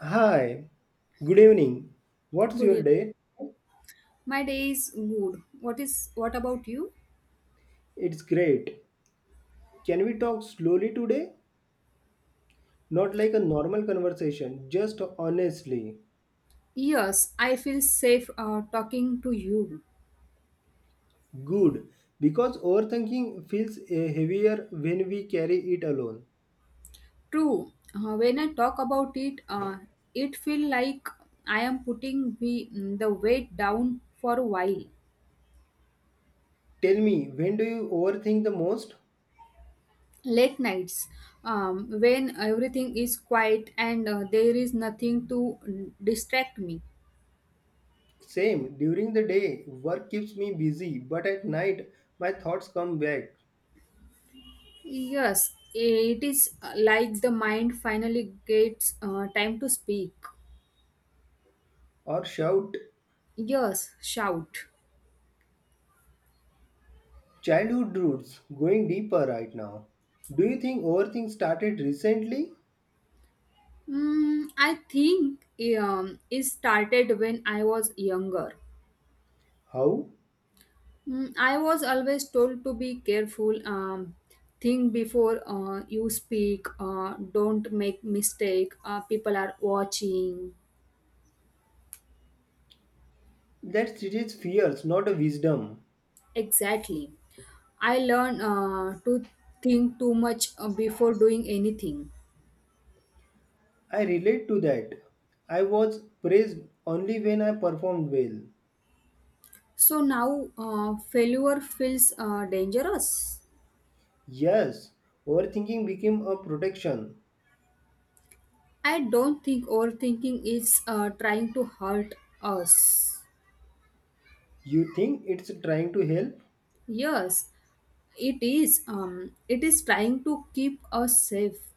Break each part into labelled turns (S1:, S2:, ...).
S1: Hi, good evening. What's
S2: Good
S1: your
S2: evening.
S1: day?
S2: My day is good. What about you?
S1: It's great. Can we talk slowly today? Not like a normal conversation, just honestly.
S2: Yes, I feel safe talking to you.
S1: Good, because overthinking feels heavier when we carry it alone.
S2: True. When I talk about it, it feel like I am putting the weight down for a while.
S1: Tell me, when do you overthink the most?
S2: Late nights, when everything is quiet and there is nothing to distract me.
S1: Same, during the day, work keeps me busy, but at night, my thoughts come back
S2: Yes, it is like the mind finally gets time to speak.
S1: or shout.
S2: Yes, shout.
S1: Childhood roots going deeper right now. Do you think overthink started recently?
S2: I think it started when I was younger.
S1: How?
S2: Mm, I was always told to be careful, think before you speak, don't make mistake. People are watching.
S1: That's Sridhar's fears, not a wisdom.
S2: Exactly. I learned to think too much before doing anything.
S1: I relate to that. I was praised only when I performed well.
S2: So now failure feels dangerous.
S1: Yes, overthinking became a protection.
S2: I don't think overthinking is trying to hurt us.
S1: You think it's trying to help
S2: Yes, it is. It is trying to keep us safe.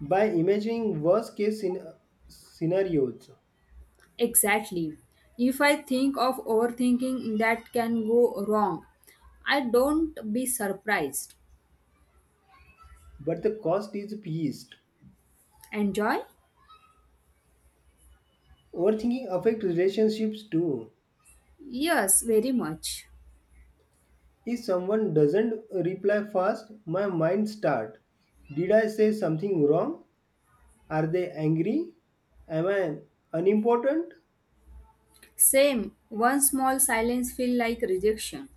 S1: by imagining scenarios,
S2: Exactly. If I think of overthinking that can go wrong, I don't be surprised.
S1: but the cost is peace.
S2: Enjoy?
S1: Overthinking affects relationships too.
S2: Yes, very much.
S1: If someone doesn't reply fast, my mind starts. Did I say something wrong? Are they angry? Am I unimportant?
S2: Same. One small silence feel like rejection.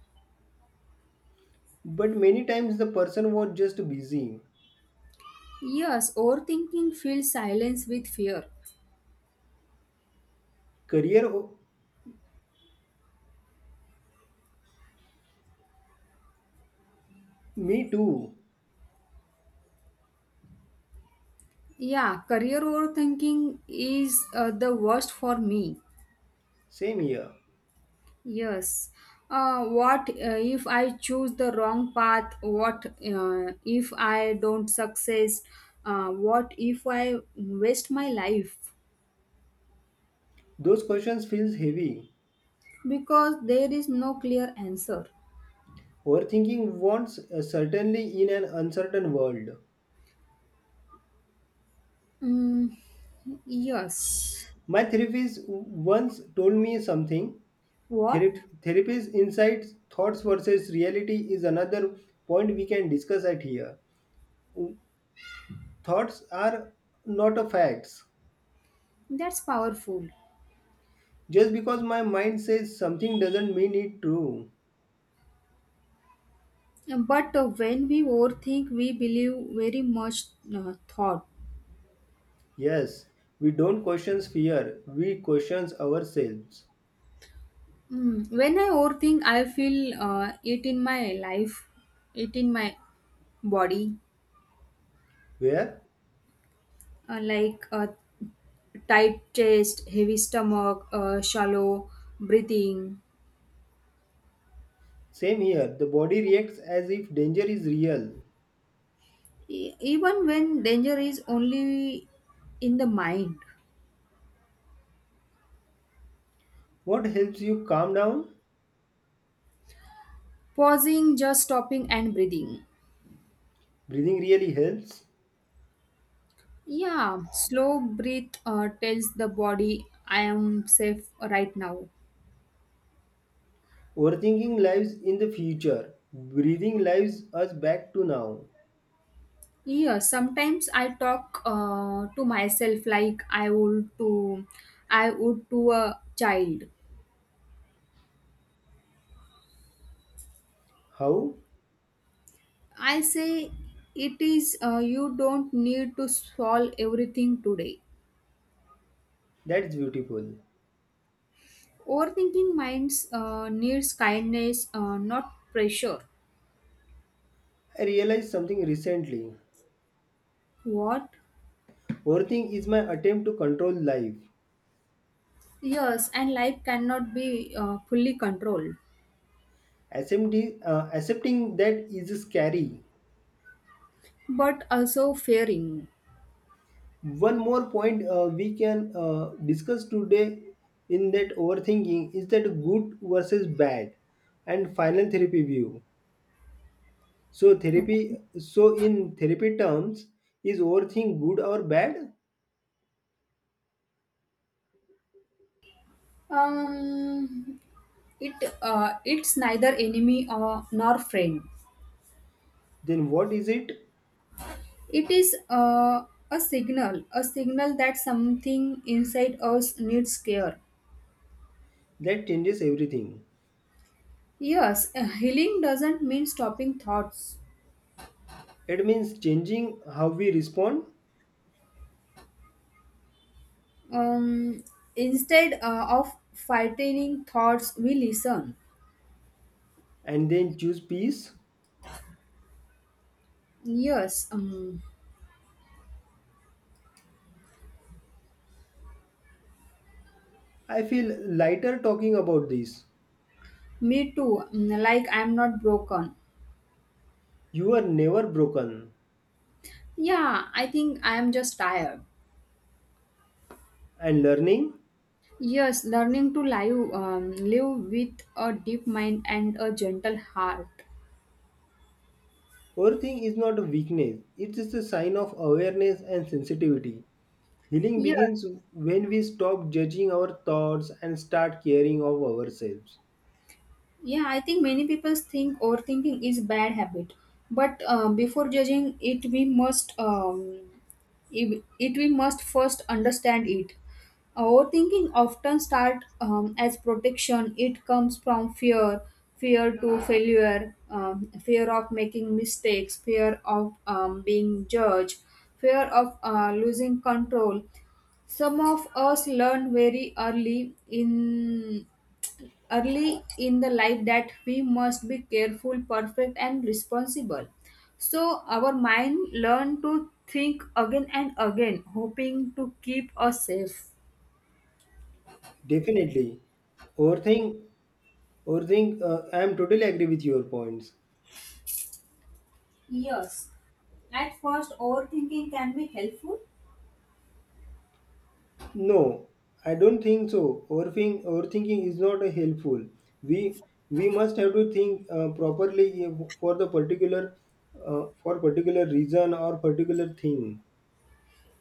S1: But many times the person was just busy.
S2: Yes, overthinking feels silence with fear.
S1: Career, o- Me too.
S2: Yeah, career overthinking is the worst for me.
S1: Same here.
S2: Yes. What if I choose the wrong path? What if I don't success? What if I waste my life?
S1: Those questions feels heavy.
S2: Because there is no clear answer.
S1: Overthinking wants certainly in an uncertain world.
S2: Mm, yes.
S1: My therapist once told me something.
S2: What?
S1: Therapist insights, thoughts versus reality is another point we can discuss at here. Thoughts are not a facts.
S2: That's powerful.
S1: Just because my mind says something doesn't mean it true.
S2: But when we overthink, we believe very much thought.
S1: Yes, we don't question fear, we question ourselves.
S2: When I overthink, I feel it in my life, it in my body
S1: Where?
S2: like a tight chest, heavy stomach, shallow breathing,
S1: Same here, the body reacts as if danger is real.
S2: even when danger is only in the mind.
S1: What helps you calm down?
S2: Pausing, just stopping and breathing.
S1: Breathing really helps.
S2: Yeah, slow breath tells the body I am safe right now.
S1: Overthinking lives in the future. Breathing lives us back to now.
S2: Yeah, sometimes I talk to myself like I would to a child.
S1: How?
S2: I say it is you don't need to solve everything today.
S1: That's beautiful.
S2: Overthinking minds needs kindness, not pressure.
S1: I realized something recently.
S2: What?
S1: Overthinking is my attempt to control life.
S2: Yes, and life cannot be fully controlled,
S1: SMD, accepting that is scary.
S2: but also fearing.
S1: One more point we can discuss today, in that overthinking is that good versus bad and final therapy view, so therapy,
S2: Okay.
S1: so in therapy terms, is overthink good or bad,
S2: Um, it it's neither enemy or nor friend.
S1: then what is it,
S2: It is a signal that something inside us needs care.
S1: that changes everything,
S2: Yes, healing doesn't mean stopping thoughts.
S1: it means changing how we respond
S2: Um, Instead of fighting thoughts, we listen.
S1: and then choose peace.
S2: Yes,
S1: I feel lighter talking about this.
S2: me too. Mm, like I'm not broken.
S1: You are never broken
S2: Yeah, I think I'm just tired.
S1: and learning.
S2: Yes, learning to live, live with a deep mind and a gentle heart.
S1: Overthinking is not a weakness, it is a sign of awareness and sensitivity. Healing
S2: Yes.
S1: begins when we stop judging our thoughts and start caring of ourselves.
S2: Yeah, I think many people think overthinking is bad habit, but before judging it, we must it, it we must first understand it. Overthinking often start as protection. It comes from fear, fear to failure, fear of making mistakes, fear of being judged, fear of losing control. Some of us learn very early in early in the life that we must be careful perfect and responsible, so our mind learn to think again and again hoping to keep us safe.
S1: Definitely. Overthink, overthink, I am totally agree with your points.
S2: Yes. At first, overthinking can be helpful.
S1: No, I don't think so. Overthinking is not helpful. We we must have to think properly for the particular for particular reason or particular thing,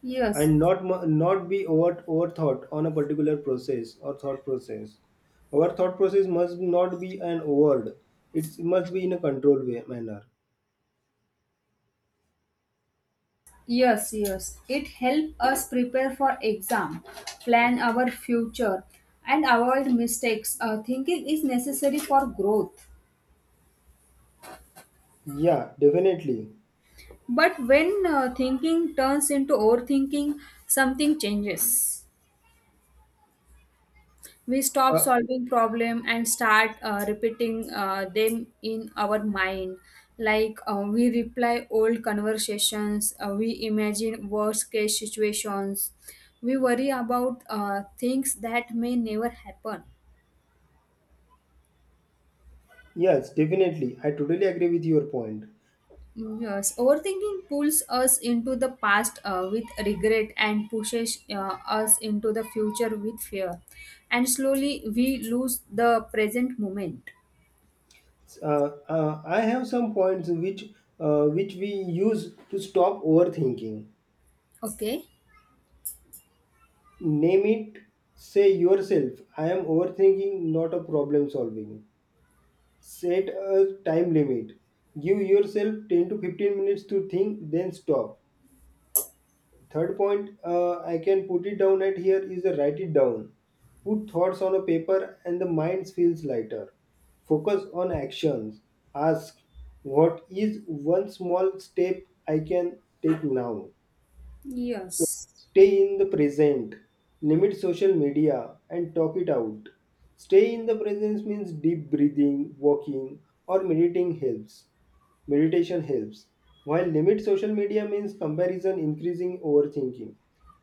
S2: Yes,
S1: and not be over overthought on a particular process or thought process. Our thought process must not be an overt. It's, it must be in a controlled way manner.
S2: yes, yes. It helps us prepare for exam, plan our future, and avoid mistakes. Thinking is necessary for growth.
S1: Yeah, definitely.
S2: But when thinking turns into overthinking, something changes. We stop
S1: Uh,
S2: solving problem and start repeating them in our mind. Like we reply old conversations, we imagine worst case situations, we worry about things that may never happen.
S1: yes, definitely. I totally agree with your point.
S2: Yes, overthinking pulls us into the past with regret and pushes us into the future with fear. And slowly we lose the present moment.
S1: I have some points which, which we use to stop overthinking.
S2: Okay.
S1: Name it. Say yourself, I am overthinking, not a problem solving. Set a time limit. Give yourself 10 to 15 minutes to think, then stop. Third point, I can put it down at here is a write it down. Put thoughts on a paper and the mind feels lighter. Focus on actions. Ask, what is one small step I can take now? So
S2: Yes.
S1: stay in the present. Limit social media and talk it out. Stay in the presence means deep breathing, walking, or meditating helps. Meditation helps. While limit social media means comparison, increasing overthinking,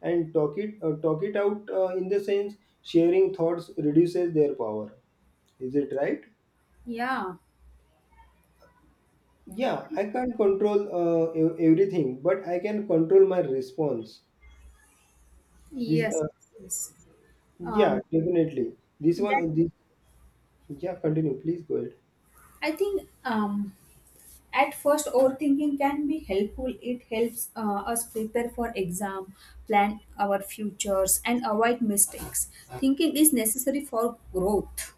S1: and talk it out in the sense sharing thoughts reduces their power. Is it right?
S2: Yeah.
S1: Yeah, I can't control everything, but I can control my response. This
S2: Yes. Yes.
S1: Yeah,
S2: Um,
S1: definitely. This
S2: that.
S1: one this yeah, continue. Please go ahead.
S2: I think at first overthinking can be helpful. It helps us prepare for exam, plan our futures, and avoid mistakes. Thinking is necessary for growth.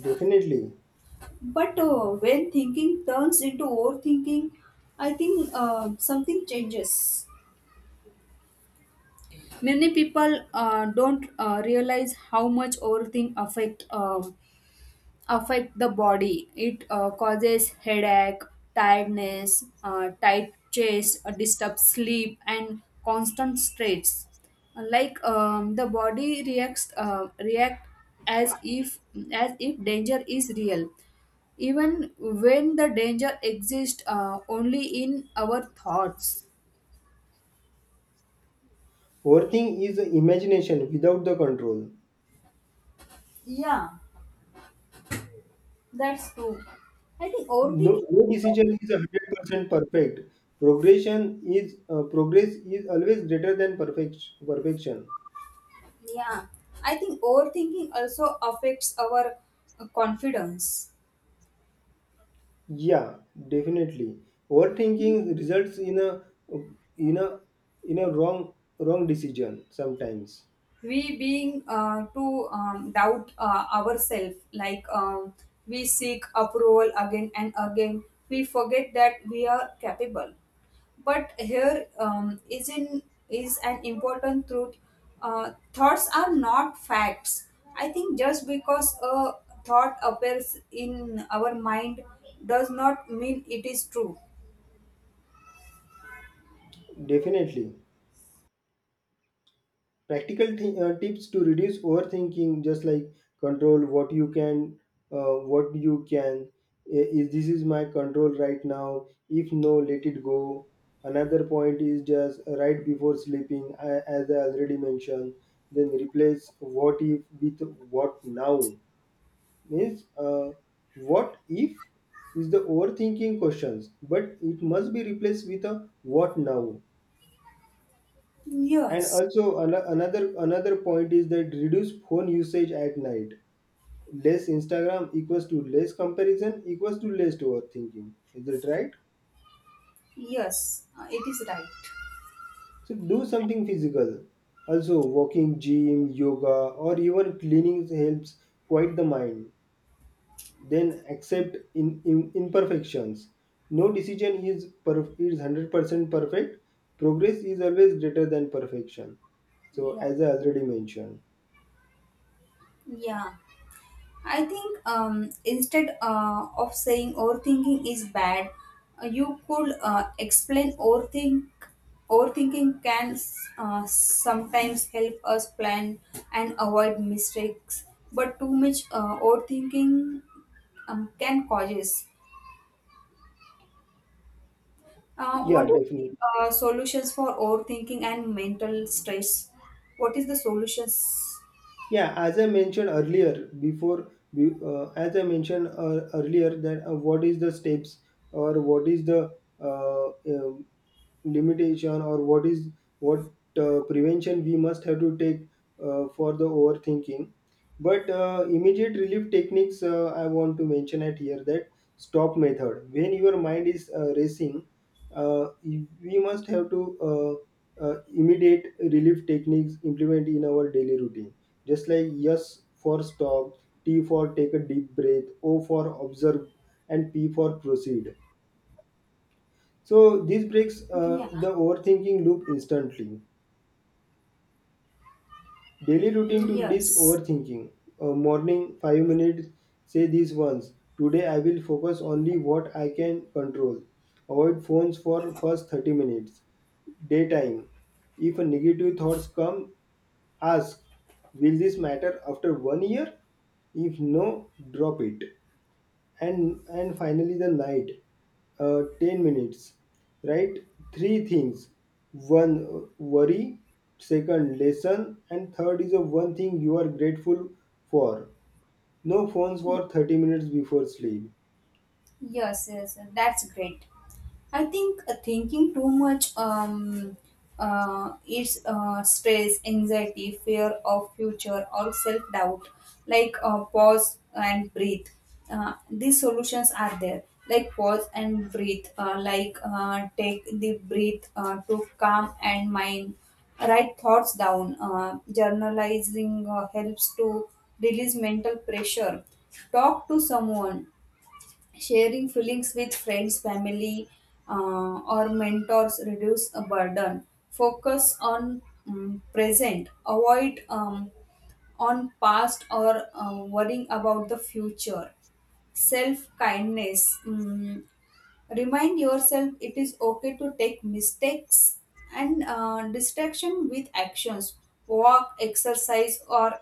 S1: Definitely.
S2: But when thinking turns into overthinking, I think something changes. Many people don't realize how much overthink affect the body. It causes headache, tiredness, tight chest, disturbs sleep, and constant stress. Like the body react as if as if danger is real, even when the danger exists only in our thoughts.
S1: Overthink is imagination without the control.
S2: Yeah, that's true. I think
S1: No,
S2: overthinking
S1: no
S2: is also,
S1: decision is 100% perfect. Progress is always greater than perfection.
S2: yeah, I think overthinking also affects our confidence.
S1: Yeah, definitely. Overthinking results in in a a wrong decision sometimes.
S2: We being to doubt ourselves, like we seek approval again and again. We forget that we are capable. But here is an important truth. Thoughts are not facts. I think just because a thought appears in our mind does not mean it is true.
S1: Definitely. Practical tips to reduce overthinking, just like control what you can, uh, what you can I- is this is my control right now, if no let it go. Another point is just right before sleeping, as I already mentioned, then replace what if with what now, means what if is the overthinking questions, but it must be replaced with a what now. And
S2: Yes.
S1: also another another point is that reduce phone usage at night, less Instagram equals to less comparison equals to less overthinking. Is that right?
S2: Yes, it is right.
S1: So do something physical, also walking, gym, yoga, or even cleaning helps quiet the mind. Then accept in imperfections. No decision is per is 100% perfect. Progress is always greater than perfection, so
S2: Yeah,
S1: as I already mentioned.
S2: yeah. I think instead of saying overthinking is bad, you could explain overthink. Overthinking can sometimes help us plan and avoid mistakes, but too much overthinking can causes.
S1: Yeah,
S2: What do you
S1: definitely.
S2: think, solutions for overthinking and mental stress? What is the solutions?
S1: Yeah, as I mentioned earlier, as I mentioned earlier that what is the steps or what is the uh, uh, limitation or what is what prevention we must have to take for the overthinking. But immediate relief techniques I want to mention at here that stop method when your mind is racing, we must have to immediate relief techniques implement in our daily routine, just like yes for stop, t for take a deep breath, o for observe, and p for proceed, so this breaks
S2: Yeah.
S1: the overthinking loop instantly. Daily routine to reduce
S2: Yes.
S1: overthinking. Morning, 5 minutes, say this once. Today I will focus only what I can control. Avoid phones for first 30 minutes. Daytime. If a negative thoughts come, ask, will this matter after 1 year? If no, drop it. And finally the night, 10 minutes, right, three things, one worry, second lesson, and third is a one thing you are grateful for. No phones for 30 minutes before sleep.
S2: Yes, yes, yes, that's great. I think thinking too much is stress, anxiety, fear of future, or self doubt. Like pause and breathe. These solutions are there. Like pause and breathe. Like take the breath to calm and mind. Write thoughts down. Journalizing helps to release mental pressure. Talk to someone, sharing feelings with friends family or mentors reduce a burden, focus on present, avoid on past or worrying about the future, self kindness. Remind yourself it is okay to take mistakes, and distraction with actions, walk exercise or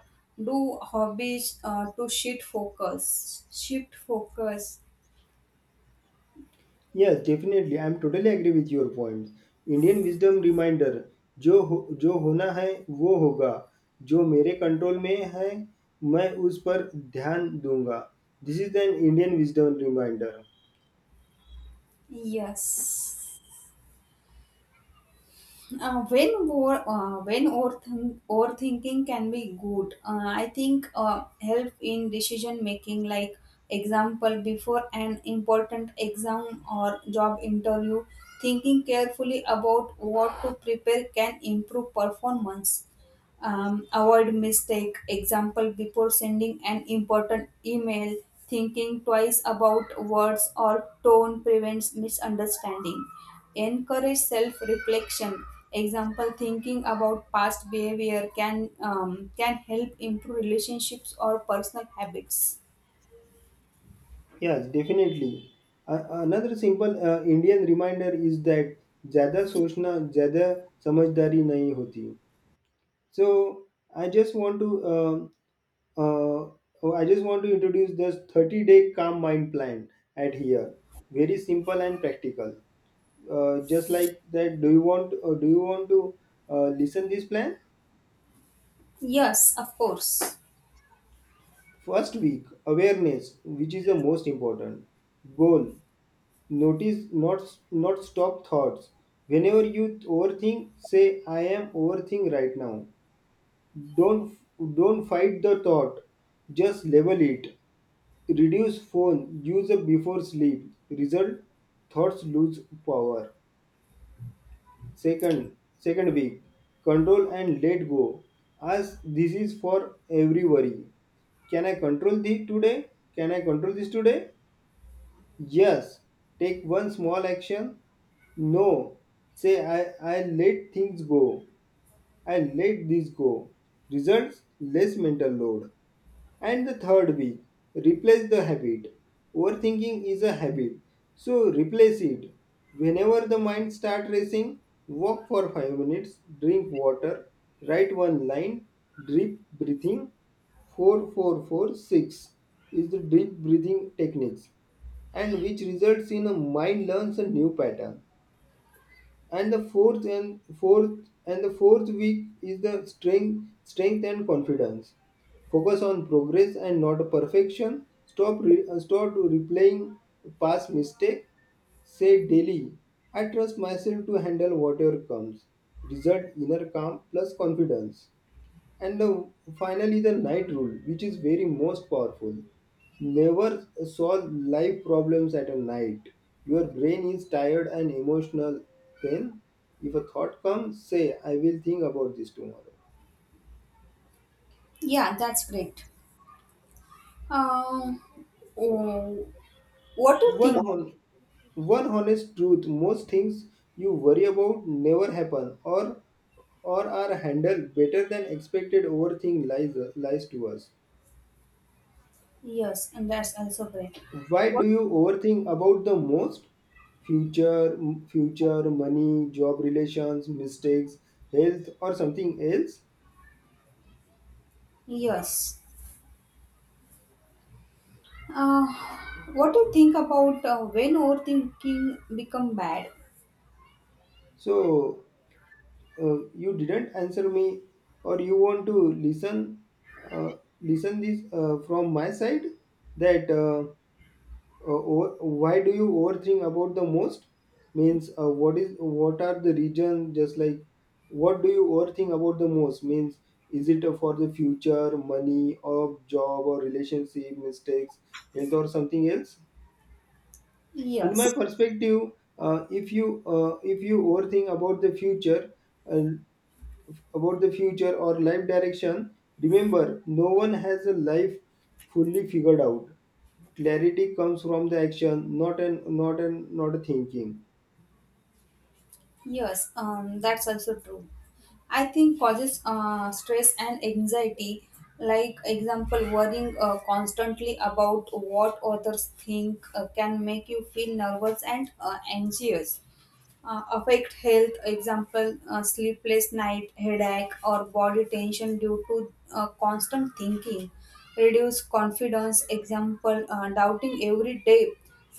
S2: do hobbies to shift focus.
S1: Yes, definitely, I am totally agree with your points. Indian wisdom reminder. जो हो जो होना है वो होगा, जो मेरे control में है मैं उस पर ध्यान दूंगा. This is an Indian wisdom reminder.
S2: Yes. When overthinking can be good, I think help in decision making. Like example, before an important exam or job interview, thinking carefully about what to prepare can improve performance, avoid mistake. Example, before sending an important email, thinking twice about words or tone prevents misunderstanding. Encourage self reflection. Example, thinking about past behavior can help improve relationships or personal habits.
S1: Yes, definitely. Another simple Indian reminder is that ज़्यादा सोचना ज़्यादा समझदारी नहीं होती. So I just want to uh, oh, I just want to introduce this 30-day calm mind plan at here. Very simple and practical. Just like that, do you want to listen this plan?
S2: Yes, of course.
S1: First week awareness, which is the most important goal. Notice not stop thoughts. Whenever you overthink, say I am overthink right now. Don't don't fight the thought. Just label it. Reduce phone use before sleep. Result, thoughts lose power. Second week, control and let go. As this is for every worry. Can I control the today? Can I control this today? Yes, take one small action. No, say I let things go. I let this go. Results, less mental load. And the third week, replace the habit. Overthinking is a habit, so replace it. Whenever the mind start racing, walk for 5 minutes, drink water, write one line, deep breathing. 4446 is the deep breathing techniques, and which results in a mind learns a new pattern. And the fourth week is the strength and confidence, focus on progress and not perfection, stop replaying past mistake, say daily I trust myself to handle whatever comes. Result, inner calm plus confidence. And finally, the night rule, which is very most powerful. Never solve life problems at a night. Your brain is tired and emotional. Then, if a thought comes, say, I will think about this tomorrow.
S2: Yeah, that's great. um, oh, what do you
S1: One,
S2: think?
S1: hon- One honest truth, most things you worry about never happen, or are handled better than expected. Overthink lies to us.
S2: Yes, and that's also great.
S1: Why
S2: What?
S1: do you overthink about the most? Future, Future, money, job, relations, mistakes, health, or something else?
S2: Yes. Uh, what do you think about when overthinking become bad?
S1: So you didn't answer me, or you want to listen, listen this from my side that. Uh, o- why do you overthink about the most means what is what are the regions, just like what do you overthink about the most, means is it for the future, money or job or relationship, mistakes, health, or something else? In my
S2: Yes,
S1: perspective, if you overthink about the future, uh, or life direction, remember no one has a life fully figured out. Clarity comes from the action, not a thinking.
S2: yes, that's also true. I think causes stress and anxiety. Like example, worrying constantly about what others think can make you feel nervous and anxious. Affect health. Example, sleepless night, headache, or body tension due to constant thinking. Reduce confidence. Example, doubting every day,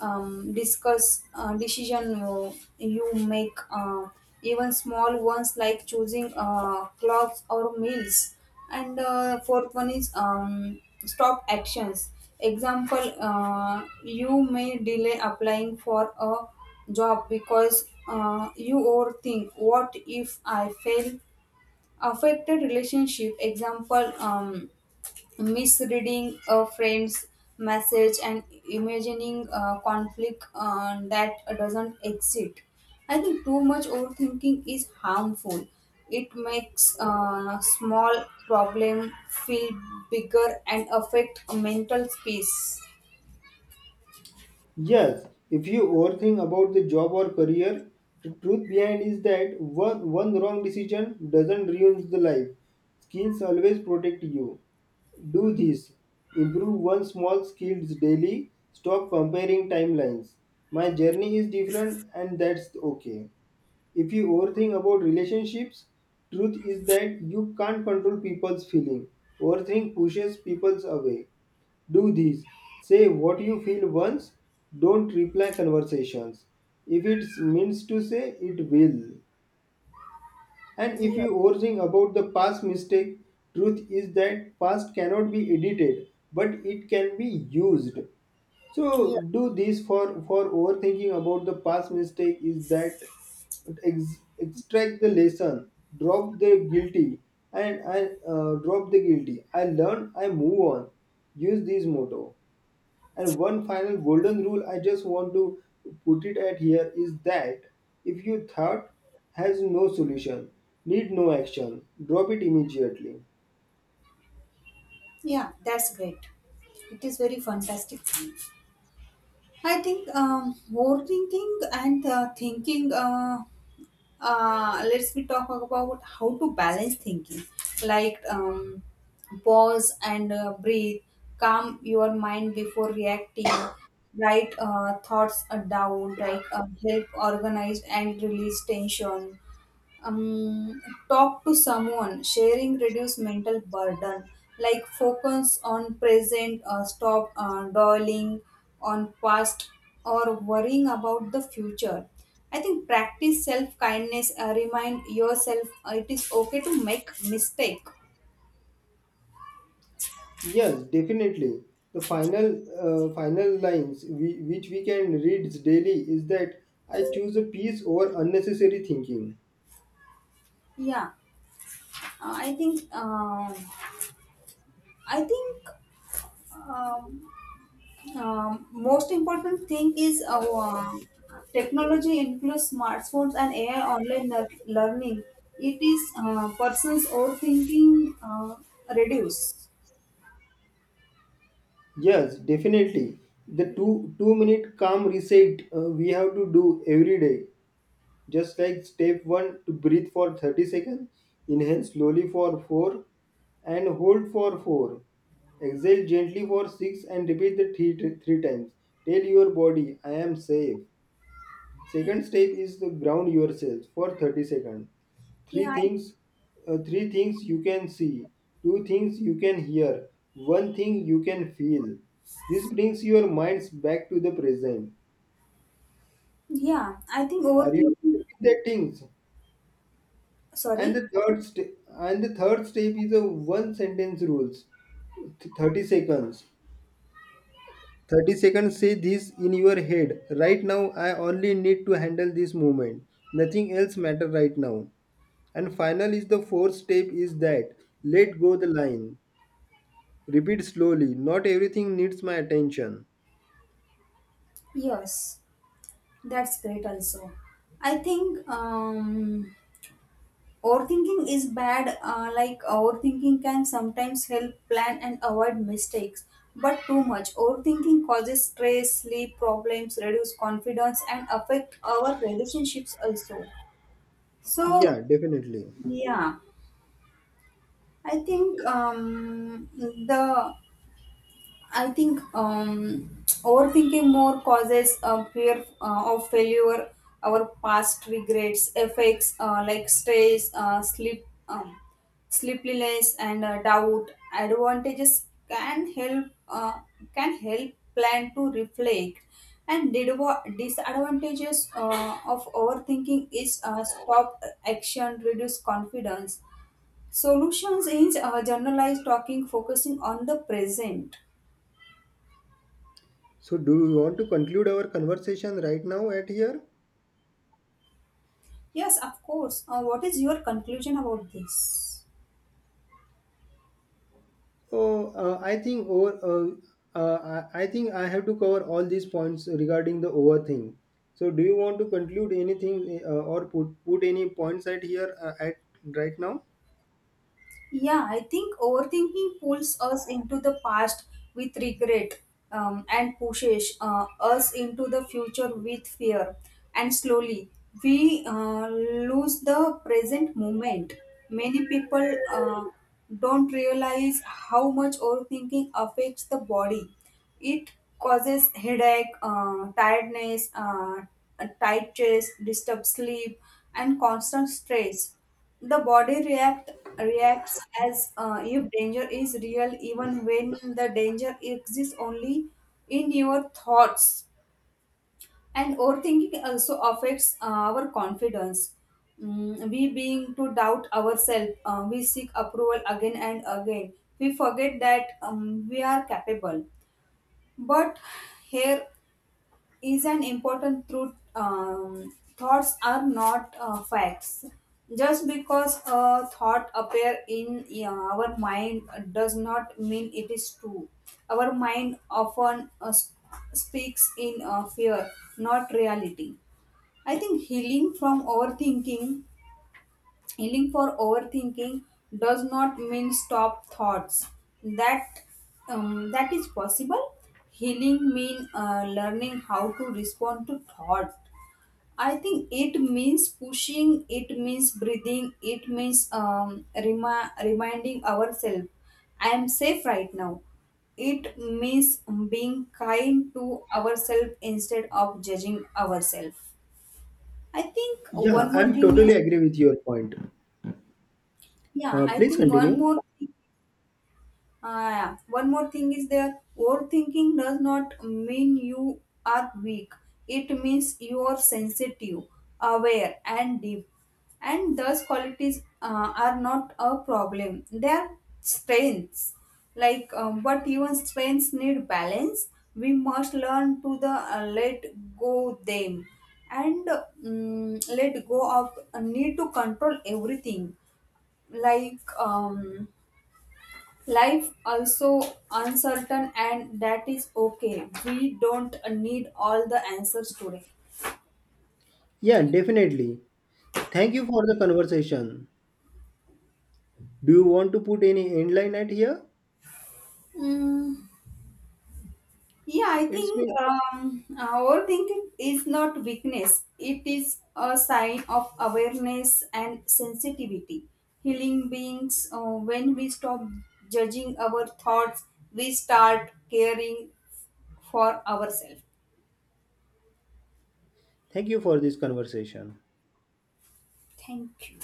S2: discuss decision you make, even small ones like choosing clothes or meals. And fourth one is stop actions. Example, you may delay applying for a job because you overthink, what if I fail? Affected relationship. Example, misreading a friend's message and imagining a conflict that doesn't exist. I think too much overthinking is harmful. It makes a small problem feel bigger and affect mental space.
S1: Yes, if you overthink about the job or career, the truth behind is that one wrong decision doesn't ruin the life. Skills always protect you. Do this, improve one small skills daily, stop comparing timelines, my journey is different and that's okay. If you overthink about relationships, truth is that you can't control people's feeling. Overthink pushes people away. Do this. Say what you feel once. Don't reply conversations. If it means to say, it will. And if
S2: Yeah.
S1: you overthink about the past mistake, truth is that past cannot be edited, but it can be used. So
S2: Yeah.
S1: do this for overthinking about the past mistake is that extract the lesson, drop the guilty, and I drop the guilty. I learn, I move on. Use this motto. And one final golden rule I just want to put it at here is that if your thought has no solution, need no action, drop it immediately.
S2: Yeah, that's great. It is very fantastic. I think overthinking and thinking. Let's be talk about how to balance thinking, like pause and breathe, calm your mind before reacting, write thoughts down, like help organize and release tension, um, talk to someone, sharing reduce mental burden, like focus on present, stop dwelling on past or worrying about the future. I think practice self kindness, remind yourself it is okay to make mistake.
S1: Yes, definitely. The final final lines which we can read daily is that I choose a peace over unnecessary thinking.
S2: Yeah. Uh, i think um i think um Um, most important thing is our technology includes smartphones and AI online learning. It is person's overthinking reduce.
S1: Yes, definitely. The two-minute calm reset we have to do every day. Just like step one to breathe for 30 seconds, inhale slowly for 4 and hold for 4. Exhale gently for 6 and repeat the three times. Tell your body I am safe. Second step is to ground yourself for 30 seconds.
S2: Yeah,
S1: Three
S2: I,
S1: things, Three things you can see, two things you can hear, one thing you can feel. This brings your minds back to the present.
S2: yeah. I think
S1: Are you
S2: overthinking.
S1: with the things? And
S2: Sorry.
S1: the third step is a one sentence rules. 30 seconds. 30 seconds say this in your head. Right now I only need to handle this moment. Nothing else matter right now. And final is the fourth step is that let go the line. Repeat slowly. Not everything needs my attention.
S2: Yes, that's great. Also, I think. Overthinking is bad, like overthinking can sometimes help plan and avoid mistakes. But too much overthinking causes stress, sleep problems, reduce confidence, and affect our relationships also. So,
S1: Yeah, definitely.
S2: yeah, I think I think um, overthinking more causes a fear of failure, our past regrets, effects like stress, sleep, sleeplessness, and doubt. Advantages can help plan to reflect, and disadvantages of overthinking is stop action, reduce confidence. Solutions is generalized talking, focusing on the present.
S1: So, do you want to conclude our conversation right now at here?
S2: Yes, of course. What is your conclusion about this?
S1: Oh, I think I have to cover all these points regarding the over thing. So, do you want to conclude anything or put any points at here at right now?
S2: Yeah, I think overthinking pulls us into the past with regret and pushes us into the future with fear. And slowly, we lose the present moment. Many people don't realize how much overthinking affects the body. It causes headache, tiredness, a tight chest, disturbed sleep, and constant stress. The body react reacts as if danger is real, even when the danger exists only in your thoughts. And overthinking also affects our confidence. We being to doubt ourselves, we seek approval again and again. We forget that we are capable. But here is an important truth. Thoughts are not facts. Just because a thought appear in our mind does not mean it is true. Our mind often speaks in fear, not reality. I think healing from overthinking Healing for overthinking does not mean stop thoughts. That that is possible. Healing mean learning how to respond to thought. I think it means pushing. It means breathing. It means reminding ourselves, I am safe right now. It means being kind to ourselves instead of judging ourselves. I think
S1: Yeah,
S2: one more
S1: I'm
S2: thing
S1: totally
S2: is
S1: agree with your point.
S2: yeah. I
S1: Please
S2: think one
S1: continue.
S2: more thing. One more thing is there, overthinking does not mean you are weak, it means you are sensitive, aware and deep, and those qualities are not a problem, they are strengths. Like but even strengths need balance. We must learn to the let go them and, let go of need to control everything. Like life also uncertain and that is okay. We don't need all the answers today.
S1: Yeah, definitely. Thank you for the conversation. Do you want to put any end line at here?
S2: Yeah, I
S1: It's
S2: think
S1: been
S2: overthinking is not weakness. It is a sign of awareness and sensitivity. Healing beings, when we stop judging our thoughts, we start caring for ourselves.
S1: thank you for this conversation.
S2: Thank you.